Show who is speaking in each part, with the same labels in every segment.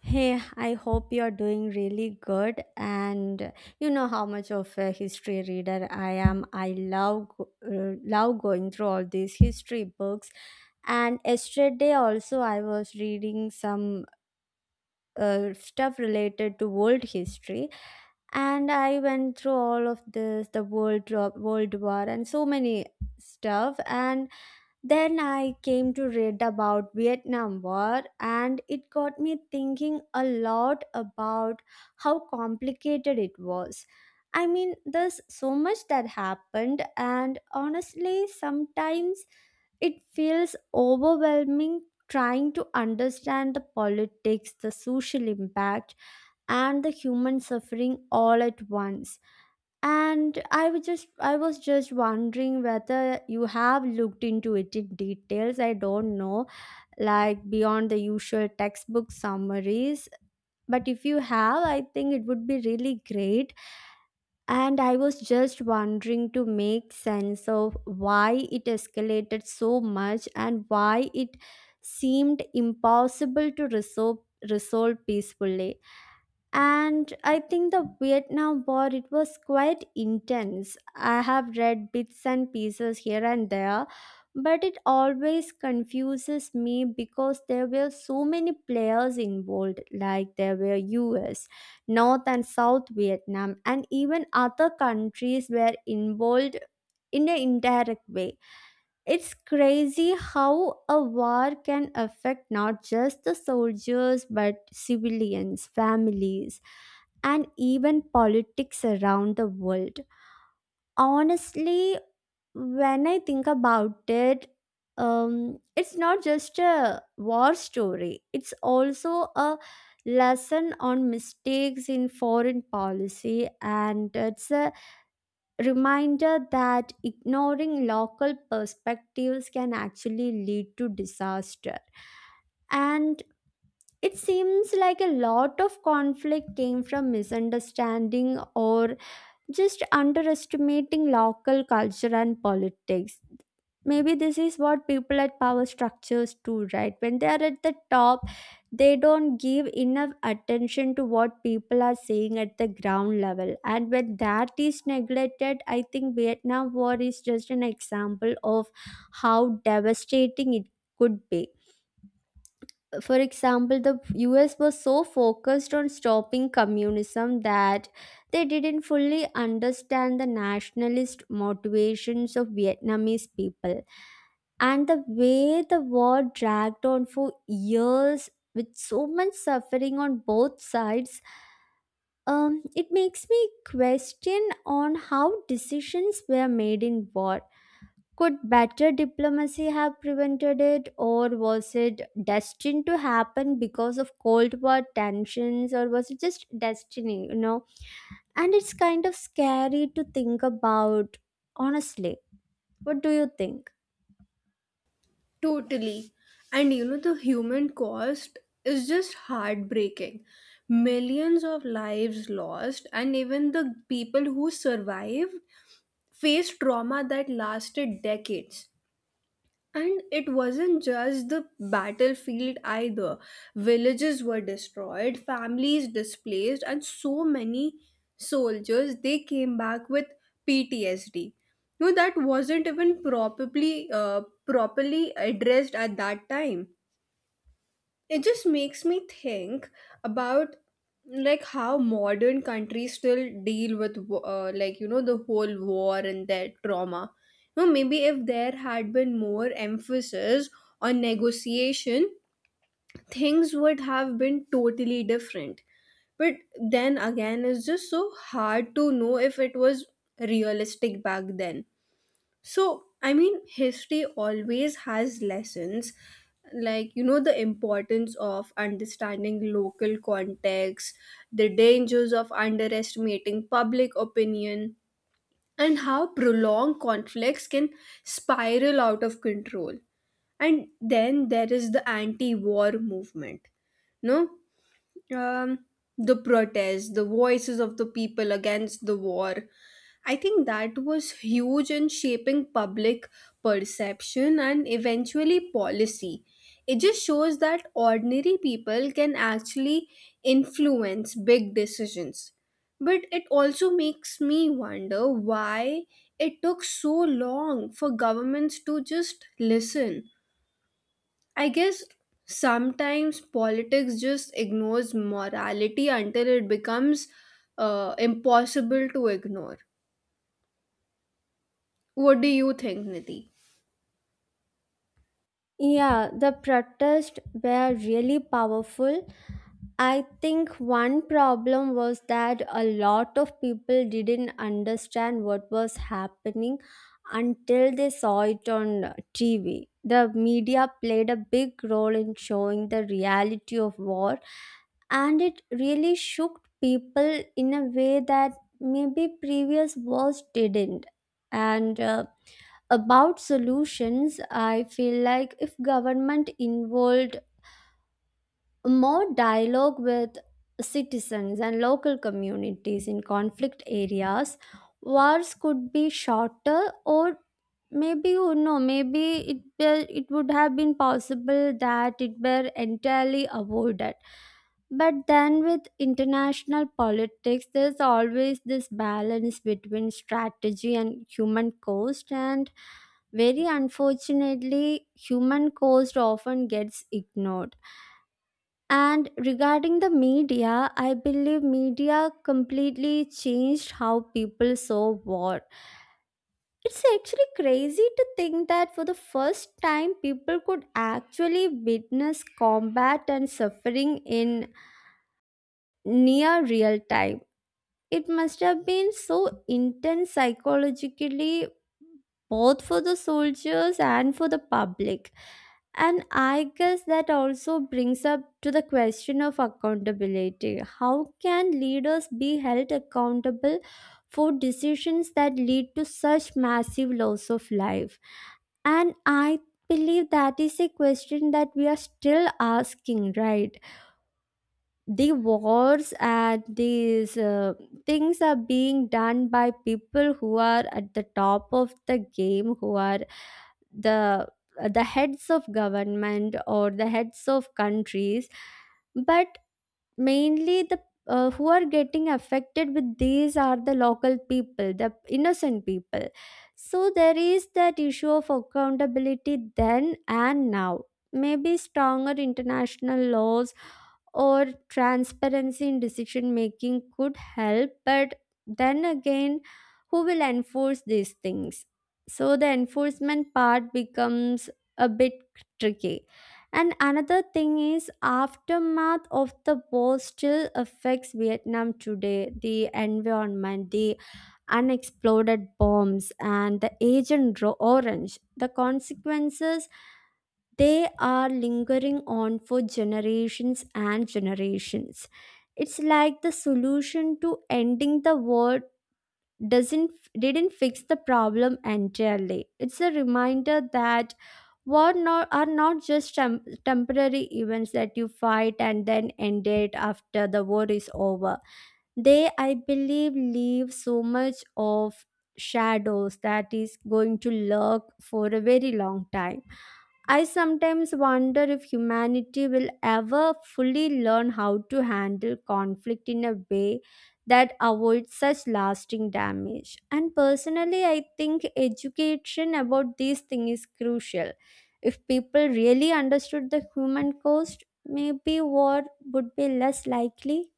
Speaker 1: Hey, I hope you're doing really good. And you know how much of a history reader I am. I love love going through all these history books. And yesterday also, I was reading some stuff related to world history, and I went through all of this, the world war, and so many stuff. And then I came to read about Vietnam War and it got me thinking a lot about how complicated it was. I mean, there's so much that happened and honestly, sometimes it feels overwhelming trying to understand the politics, the social impact and the human suffering all at once. And I was just wondering whether you have looked into it in details. I don't know, like beyond the usual textbook summaries, but if you have I think it would be really great. And I was just wondering to make sense of why it escalated so much and why it seemed impossible to resolve peacefully. And I think the Vietnam War, it was quite intense. I have read bits and pieces here and there, but it always confuses me because there were so many players involved, like there were US, north and south Vietnam, and even other countries were involved in an indirect way. It's crazy how a war can affect not just the soldiers but civilians, families, and even politics around the world. Honestly, when I think about it, it's not just a war story, it's also a lesson on mistakes in foreign policy, and it's a reminder that ignoring local perspectives can actually lead to disaster. And it seems like a lot of conflict came from misunderstanding or just underestimating local culture and politics. Maybe this is what people at power structures do, right? When they are at the top, they don't give enough attention to what people are saying at the ground level. And when that is neglected, I think Vietnam War is just an example of how devastating it could be. For example, the US was so focused on stopping communism that they didn't fully understand the nationalist motivations of Vietnamese people. And the way the war dragged on for years with so much suffering on both sides, it makes me question on how decisions were made in war. Could better diplomacy have prevented it, or was it destined to happen because of Cold War tensions, or was it just destiny, you know? And it's kind of scary to think about, honestly. What do you think?
Speaker 2: Totally. And you know, the human cost is just heartbreaking. Millions of lives lost, and even the people who survived faced trauma that lasted decades. And it wasn't just the battlefield either. Villages were destroyed, families displaced, and so many soldiers they came back with PTSD. No, that wasn't even probably properly addressed at that time. It just makes me think about like how modern countries still deal with like you know the whole war and their trauma. You know, maybe if there had been more emphasis on negotiation, things would have been totally different. But then again, it's just so hard to know if it was realistic back then. So, I mean, history always has lessons, like, you know, the importance of understanding local context, the dangers of underestimating public opinion, and how prolonged conflicts can spiral out of control. And then there is the anti war movement. No, um, the protests, the voices of the people against the war. I think that was huge in shaping public perception and eventually policy. It just shows that ordinary people can actually influence big decisions. But it also makes me wonder why it took so long for governments to just listen. I guess sometimes politics just ignores morality until it becomes impossible to ignore. What do you think, Nidhi?
Speaker 1: Yeah, the protests were really powerful. I think one problem was that a lot of people didn't understand what was happening until they saw it on TV. The media played a big role in showing the reality of war, and it really shook people in a way that maybe previous wars didn't. And about solutions, I feel like if government involved more dialogue with citizens and local communities in conflict areas, wars could be shorter, or maybe, you know, maybe it would have been possible that it were entirely avoided. But then with international politics there's always this balance between strategy and human cost, and very unfortunately human cost often gets ignored. And regarding the media, I believe media completely changed how people saw war. It's actually crazy to think that for the first time, people could actually witness combat and suffering in near real time. It must have been so intense psychologically, both for the soldiers and for the public. And I guess that also brings up to the question of accountability. How can leaders be held accountable for decisions that lead to such massive loss of life? And I believe that is a question that we are still asking, right? The wars and these things are being done by people who are at the top of the game, who are the the heads of government or the heads of countries, but mainly the who are getting affected with these are the local people, the innocent people. So there is that issue of accountability then and now. Maybe stronger international laws or transparency in decision making could help, but then again, who will enforce these things? So the enforcement part becomes a bit tricky. And another thing is aftermath of the war still affects Vietnam today, the environment, the unexploded bombs and the orange, the consequences, they are lingering on for generations and generations. It's like the solution to ending the war doesn't didn't fix the problem entirely. It's a reminder that war not, are not just temporary events that you fight and then end it after the war is over. They, I believe, leave so much of shadows that is going to lurk for a very long time. I sometimes wonder if humanity will ever fully learn how to handle conflict in a way that avoids such lasting damage. And personally, I think education about these things is crucial. If people really understood the human cost, maybe war would be less likely.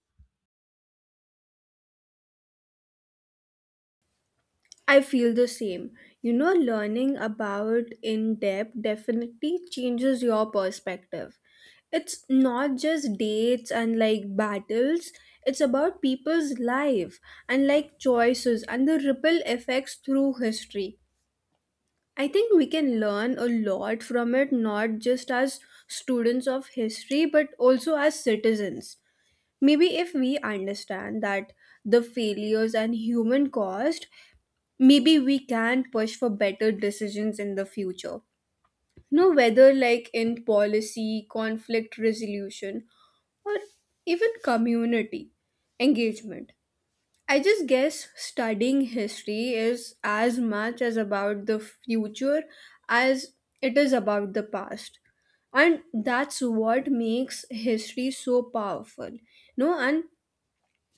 Speaker 2: I feel the same. You know, learning about in depth definitely changes your perspective. It's not just dates and like battles, it's about people's life and like choices and the ripple effects through history. I think we can learn a lot from it, not just as students of history, but also as citizens. Maybe if we understand that the failures and human cost, maybe we can push for better decisions in the future. No know, whether like in policy, conflict resolution, or even community engagement. I just guess studying history is as much as about the future as it is about the past. And that's what makes history so powerful. No, and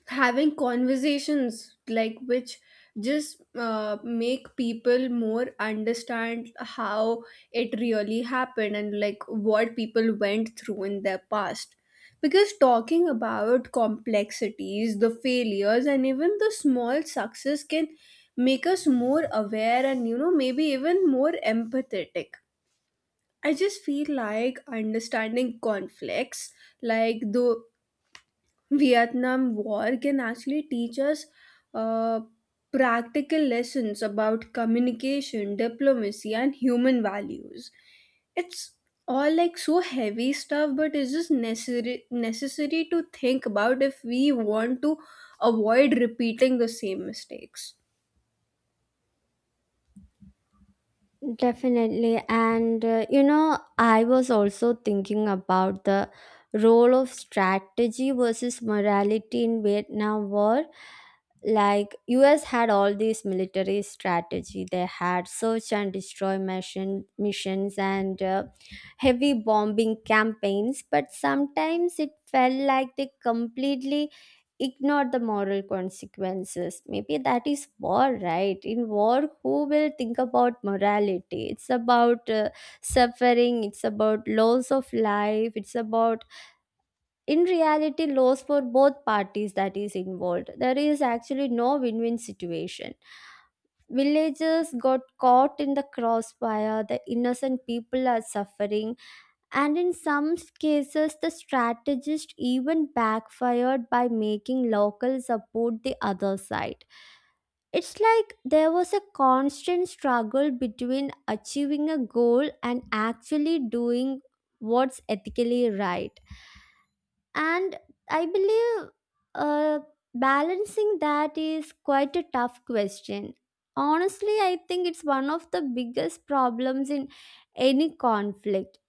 Speaker 2: having conversations like which just make people more understand how it really happened and like what people went through in their past, because talking about complexities, the failures and even the small success can make us more aware and, you know, maybe even more empathetic. I just feel like understanding conflicts like the Vietnam War can actually teach us uh, practical lessons about communication, diplomacy, and human values. It's all like so heavy stuff, but it's just necessary to think about if we want to avoid repeating the same mistakes.
Speaker 1: Definitely. And, you know, I was also thinking about the role of strategy versus morality in Vietnam War. Like US had all these military strategy. They had search and destroy missions and heavy bombing campaigns, but sometimes it felt like they completely ignore the moral consequences. Maybe that is war, right? In war, who will think about morality? It's about suffering, it's about loss of life, it's about, in reality, loss for both parties that is involved. There is actually no win win situation. Villagers got caught in the crossfire, the innocent people are suffering, and in some cases, the strategist even backfired by making locals support the other side. It's like there was a constant struggle between achieving a goal and actually doing what's ethically right. And I believe, uh, balancing that is quite a tough question. Honestly I think it's one of the biggest problems in any conflict.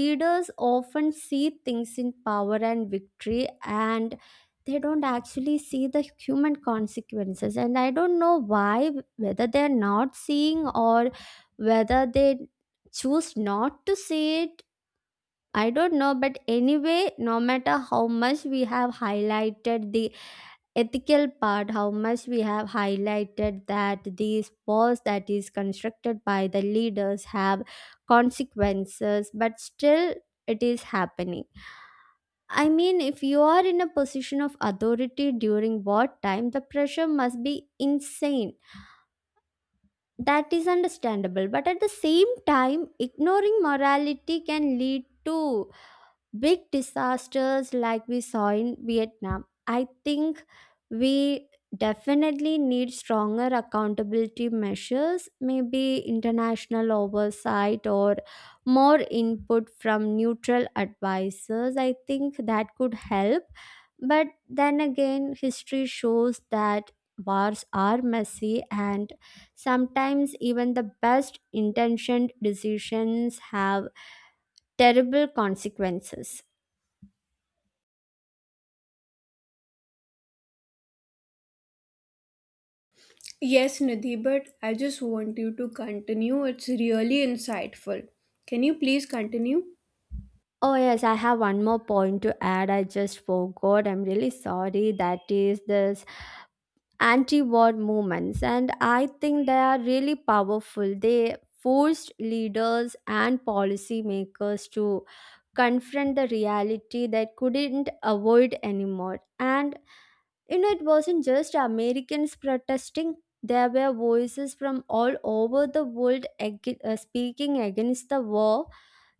Speaker 1: Leaders often see things in power and victory and they don't actually see the human consequences, and I don't know why, whether they're not seeing or whether they choose not to see it. I don't know, but anyway, no matter how much we have highlighted the ethical part, how much we have highlighted that these wars that is constructed by the leaders have consequences, but still it is happening. I mean, if you are in a position of authority during wartime, the pressure must be insane. That is understandable, but at the same time, ignoring morality can lead to big disasters like we saw in Vietnam. I think we definitely need stronger accountability measures, maybe international oversight or more input from neutral advisors. I think that could help. But then again, history shows that wars are messy and sometimes even the best intentioned decisions have terrible consequences.
Speaker 2: Yes, Nidhi, but I just want you to continue. It's really insightful. Can you please continue?
Speaker 1: Oh, yes, I have one more point to add. I just forgot. I'm really sorry. That is this anti war movements. And I think they are really powerful. They forced leaders and policymakers to confront the reality they couldn't avoid anymore. And, you know, it wasn't just Americans protesting, there were voices from all over the world speaking against the war.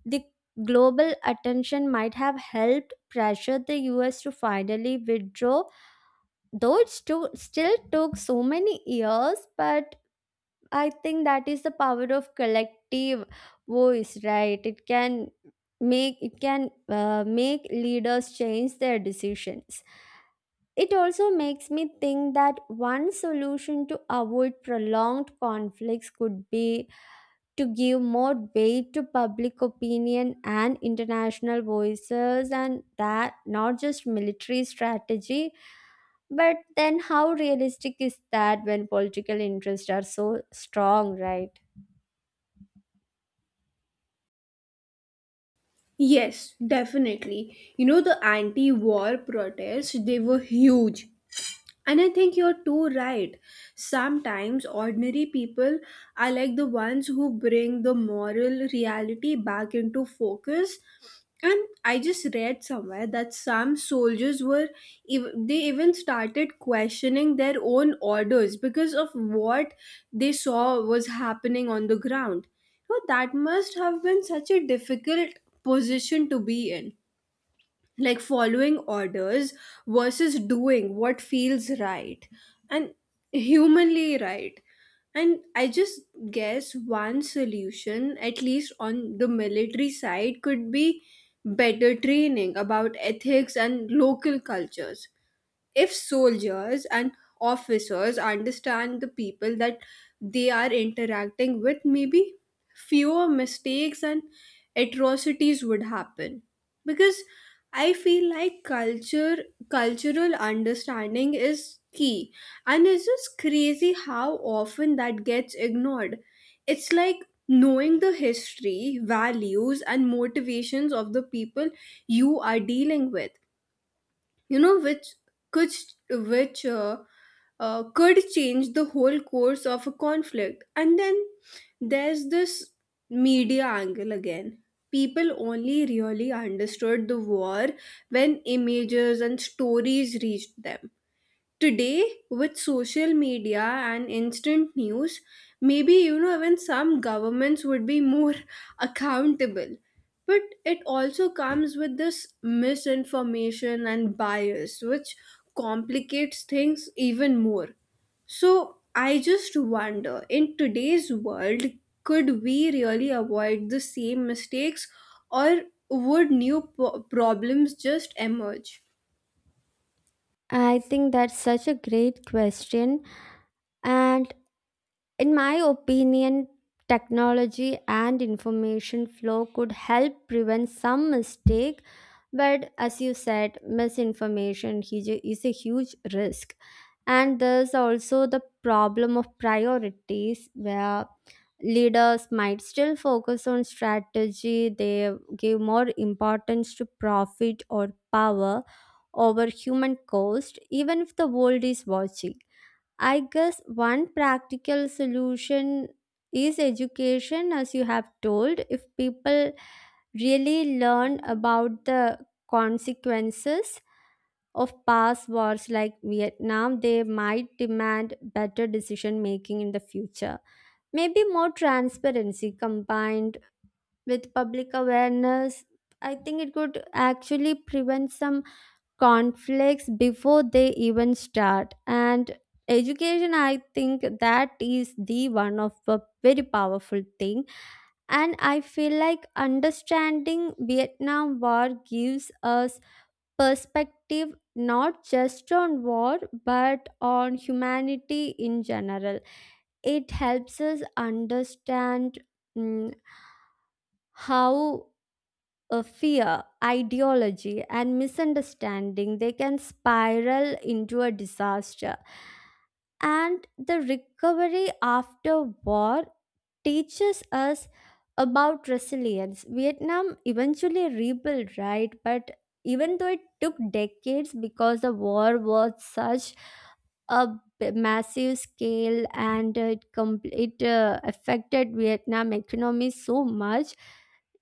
Speaker 1: The global attention might have helped pressure the US to finally withdraw, though it still took so many years. But I think that is the power of collective voice, right? It can make leaders change their decisions. It also makes me think that one solution to avoid prolonged conflicts could be to give more weight to public opinion and international voices, and that not just military strategy. But then how realistic is that when political interests are so strong, right?
Speaker 2: Yes, definitely. You know, the anti war protests, they were huge. And I think you're too right. Sometimes ordinary people are like the ones who bring the moral reality back into focus. And I just read somewhere that some soldiers were, they even started questioning their own orders because of what they saw was happening on the ground. So that must have been such a difficult position to be in, like following orders versus doing what feels right and humanly right. And I just guess one solution, at least on the military side, could be better training about ethics and local cultures. If soldiers and officers understand the people that they are interacting with, maybe fewer mistakes and atrocities would happen. Because I feel like culture cultural understanding is key. And it's just crazy how often that gets ignored. It's like knowing the history, values and motivations of the people you are dealing with, you know, could which could change the whole course of a conflict. And then there's this media angle again. People only really understood the war when images and stories reached them. Today with social media and instant news, maybe, you know, even some governments would be more accountable, but it also comes with this misinformation and bias, which complicates things even more. So I just wonder, in today's world, could we really avoid the same mistakes, or would new problems just emerge?
Speaker 1: I think that's such a great question. And in my opinion, technology and information flow could help prevent some mistake, but as you said, is a huge risk. And there's also the problem of priorities where leaders might still focus on strategy, they give more importance to profit or power over human cost, even if the world is watching. I guess one practical solution is education, as you have told. If people really learn about the consequences of past wars like Vietnam, they might demand better decision making in the future. Maybe more transparency combined with public awareness. I think it could actually prevent some conflicts before they even start. And education, I think that is the one of a very powerful thing. And I feel like understanding Vietnam War gives us perspective, not just on war but on humanity in general. It helps us understand, mm, how, fear, ideology, and misunderstanding, they can spiral into a disaster. And the recovery after war teaches us about resilience. Vietnam eventually rebuilt, right? But even though it took decades because the war was such a massive scale and it affected Vietnam economy so much,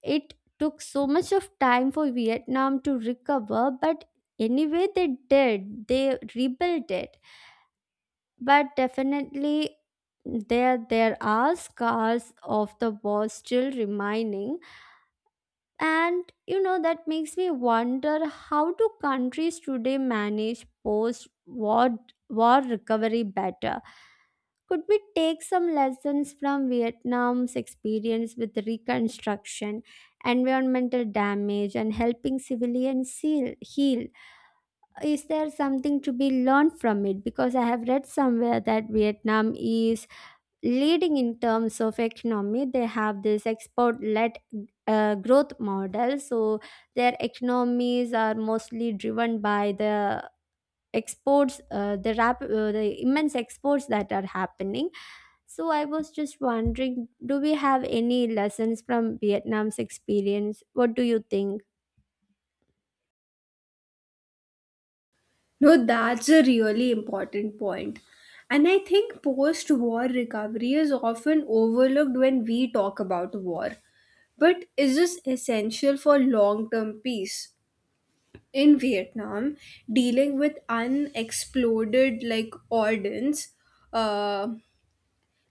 Speaker 1: it took so much of time for Vietnam to recover. But anyway, they did, they rebuilt it. But definitely there are scars of the war still remaining. And that makes me wonder, how do countries today manage post war recovery better? Could we take some lessons from Vietnam's experience with reconstruction, environmental damage, and helping civilians heal? Is there something to be learned from it? Because I have read somewhere that Vietnam is leading in terms of economy. They have this export led growth model, so their economies are mostly driven by the exports, the immense exports that are happening. So I was just wondering, do we have any lessons from Vietnam's experience? What do you think?
Speaker 2: No, that's a really important point. And I think post war recovery is often overlooked when we talk about war. But is this essential for long term peace? In Vietnam, dealing with unexploded like ordnance, uh,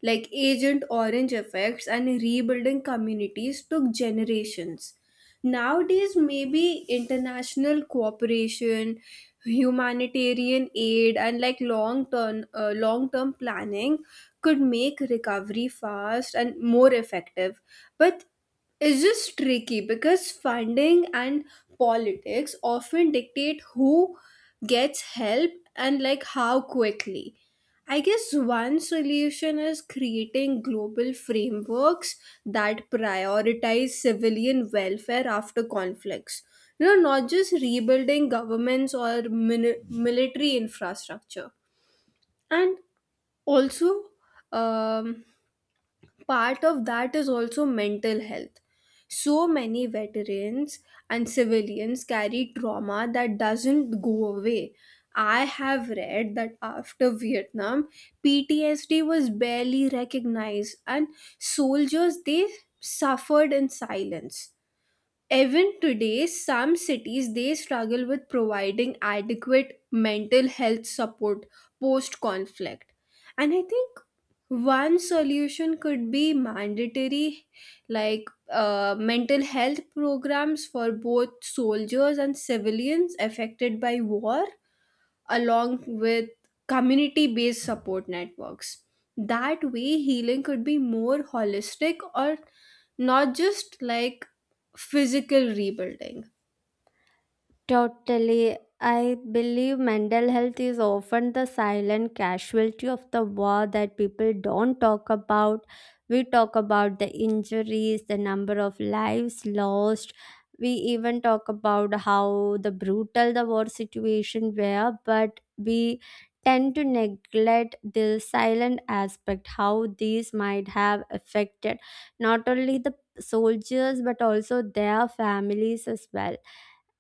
Speaker 2: like Agent Orange effects and rebuilding communities, took generations. Nowadays, maybe international cooperation, humanitarian aid, and like long term planning could make recovery fast and more effective. But it's just tricky because funding and politics often dictate who gets help and like how quickly. I guess one solution is creating global frameworks that prioritize civilian welfare after conflicts. You know, not just rebuilding governments or military infrastructure. And also, um, part of that is also mental health. So many veterans and civilians carry trauma that doesn't go away. I have read that after Vietnam, PTSD was barely recognized and soldiers they suffered in silence. Even today, some cities they struggle with providing adequate mental health support post conflict. And I think one solution could be mandatory like mental health programs for both soldiers and civilians affected by war, along with community based support networks. That way, healing could be more holistic, or not just like physical rebuilding.
Speaker 1: Totally. I believe mental health is often the silent casualty of the war that people don't talk about. We talk about the injuries, the number of lives lost. We even talk about how the brutal the war situation were, but we tend to neglect the silent aspect, how these might have affected not only the soldiers but also their families as well.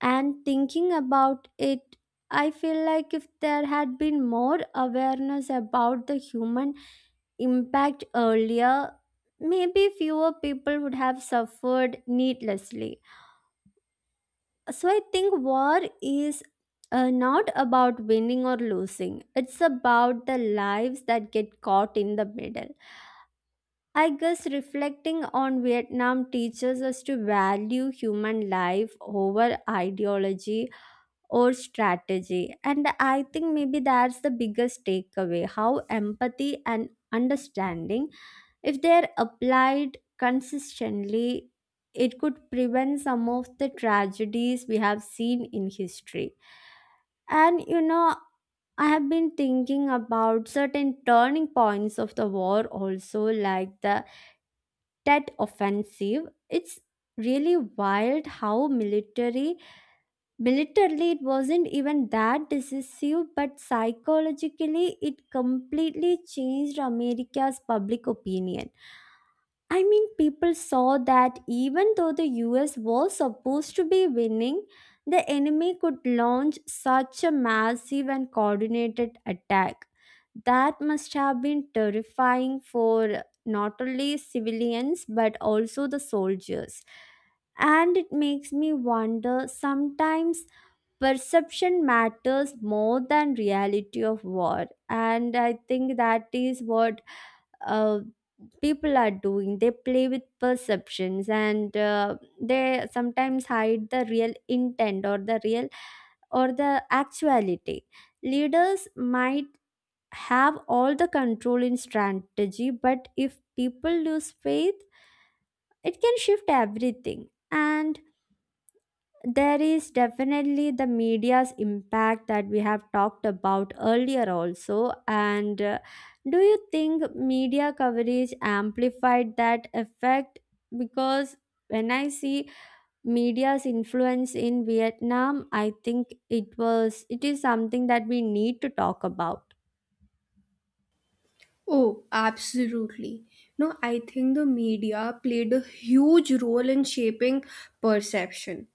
Speaker 1: And thinking about it, I feel like if there had been more awareness about the human impact earlier, maybe fewer people would have suffered needlessly. So I think war is not about winning or losing, it's about the lives that get caught in the middle. I guess reflecting on Vietnam teaches us to value human life over ideology or strategy. And I think maybe that's the biggest takeaway, how empathy and understanding, if they're applied consistently, it could prevent some of the tragedies we have seen in history. And I have been thinking about certain turning points of the war also, like the Tet Offensive. It's really wild how military militarily, it wasn't even that decisive, but psychologically, it completely changed America's public opinion. I mean, people saw that even though the US was supposed to be winning, the enemy could launch such a massive and coordinated attack. That must have been terrifying for not only civilians but also the soldiers. And it makes me wonder sometimes perception matters more than reality of war. And I think that is what uh, people are doing. They play with perceptions, and they sometimes hide the real intent or the real, or the actuality. Leaders might have all the control in strategy, but if people lose faith, it can shift everything. And there is definitely the media's impact that we have talked about earlier also. And do you think media coverage amplified that effect? Because when I see media's influence in Vietnam, I think it is something that we need to talk about.
Speaker 2: Oh, absolutely. No, I think the media played a huge role in shaping perception.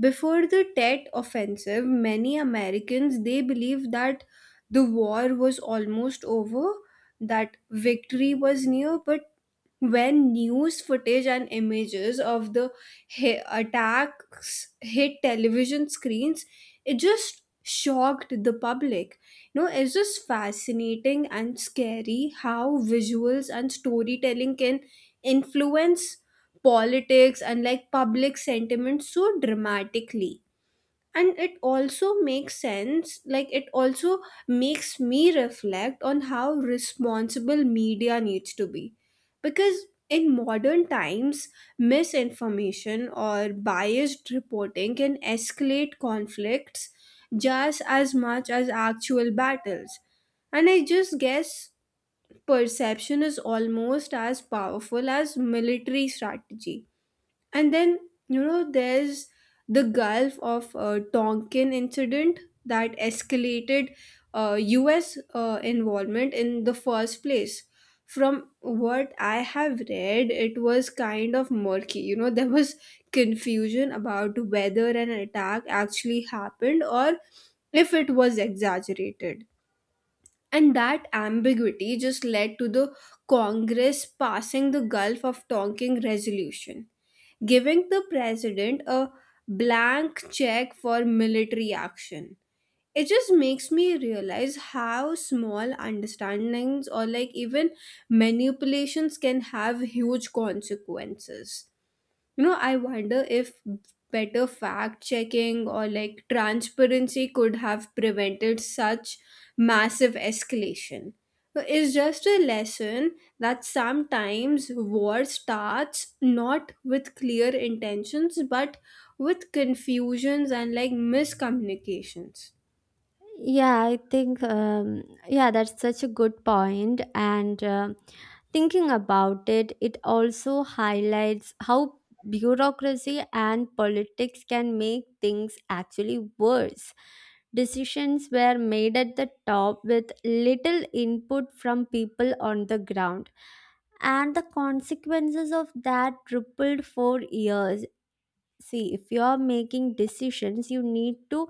Speaker 2: Before the Tet offensive, many Americans they believed that the war was almost over, that victory was near, but when news footage and images of the attacks hit television screens, it just shocked the public. You know, it's just fascinating and scary how visuals and storytelling can influence politics and like public sentiment so dramatically. And it also makes sense, like it also makes me reflect on how responsible media needs to be, because in modern times misinformation or biased reporting can escalate conflicts just as much as actual battles. And I just guess perception is almost as powerful as military strategy. And then, you know, there's the Gulf of Tonkin incident that escalated US involvement in the first place. From what I have read, it was kind of murky. You know, there was confusion about whether an attack actually happened or if it was exaggerated. And that ambiguity just led to the Congress passing the Gulf of Tonkin resolution, giving the president a blank check for military action. It just makes me realize how small understandings or like even manipulations can have huge consequences. You know, I wonder if better fact checking or like transparency could have prevented such massive escalation. So it's just a lesson that sometimes war starts not with clear intentions but with confusions and like miscommunications.
Speaker 1: Yeah, I think, yeah, that's such a good point. And thinking about it, it also highlights how bureaucracy and politics can make things actually worse. Decisions were made at the top with little input from people on the ground, and the consequences of that rippled for years. See, if you are making decisions, you need to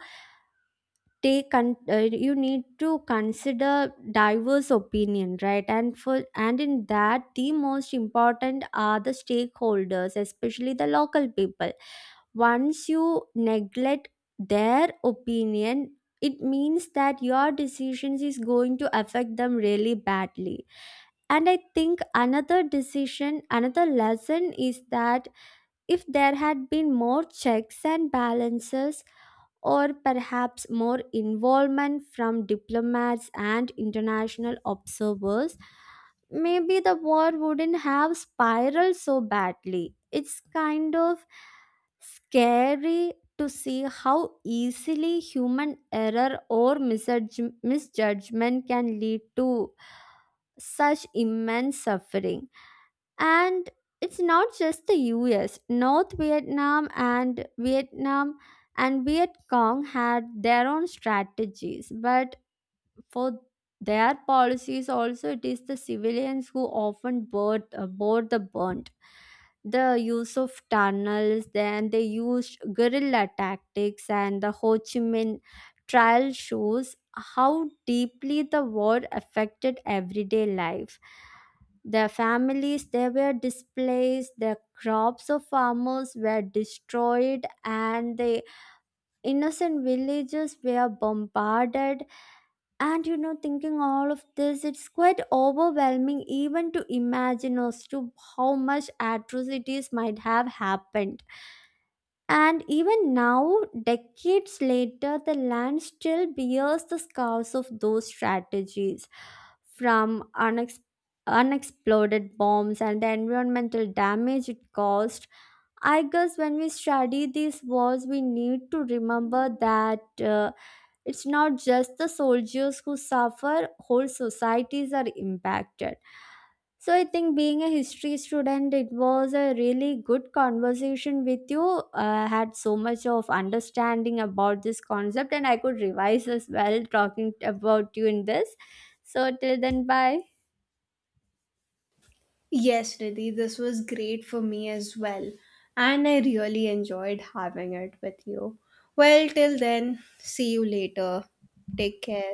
Speaker 1: you need to consider diverse opinion, right? And for and in that, the most important are the stakeholders, especially the local people. Once you neglect their opinion, it means that your decisions is going to affect them really badly. And I think another lesson is that if there had been more checks and balances, or perhaps more involvement from diplomats and international observers, maybe the war wouldn't have spiraled so badly. It's kind of scary to see how easily human error or misjudgment can lead to such immense suffering. And it's not just the US. North Vietnam and Vietnam and Viet Cong had their own strategies, but for their policies also, it is the civilians who often board the burnt, the use of tunnels. Then they used guerrilla tactics, and the Ho Chi Minh trial shows how deeply the war affected everyday life. Their families, they were displaced, their crops of farmers were destroyed, and the innocent villages were bombarded. And thinking all of this, it's quite overwhelming even to imagine as to how much atrocities might have happened. And even now, decades later, the land still bears the scars of those strategies, from unexploded bombs and the environmental damage it caused. I guess when we study these wars, we need to remember that. It's not just the soldiers who suffer, whole societies are impacted. So I think, being a history student, it was a really good conversation with you. I had so much of understanding about this concept, and I could revise as well talking about you in this. So till then, bye.
Speaker 2: Yes, Riddhi, this was great for me as well, and I really enjoyed having it with you. Well, till then, see you later. Take care.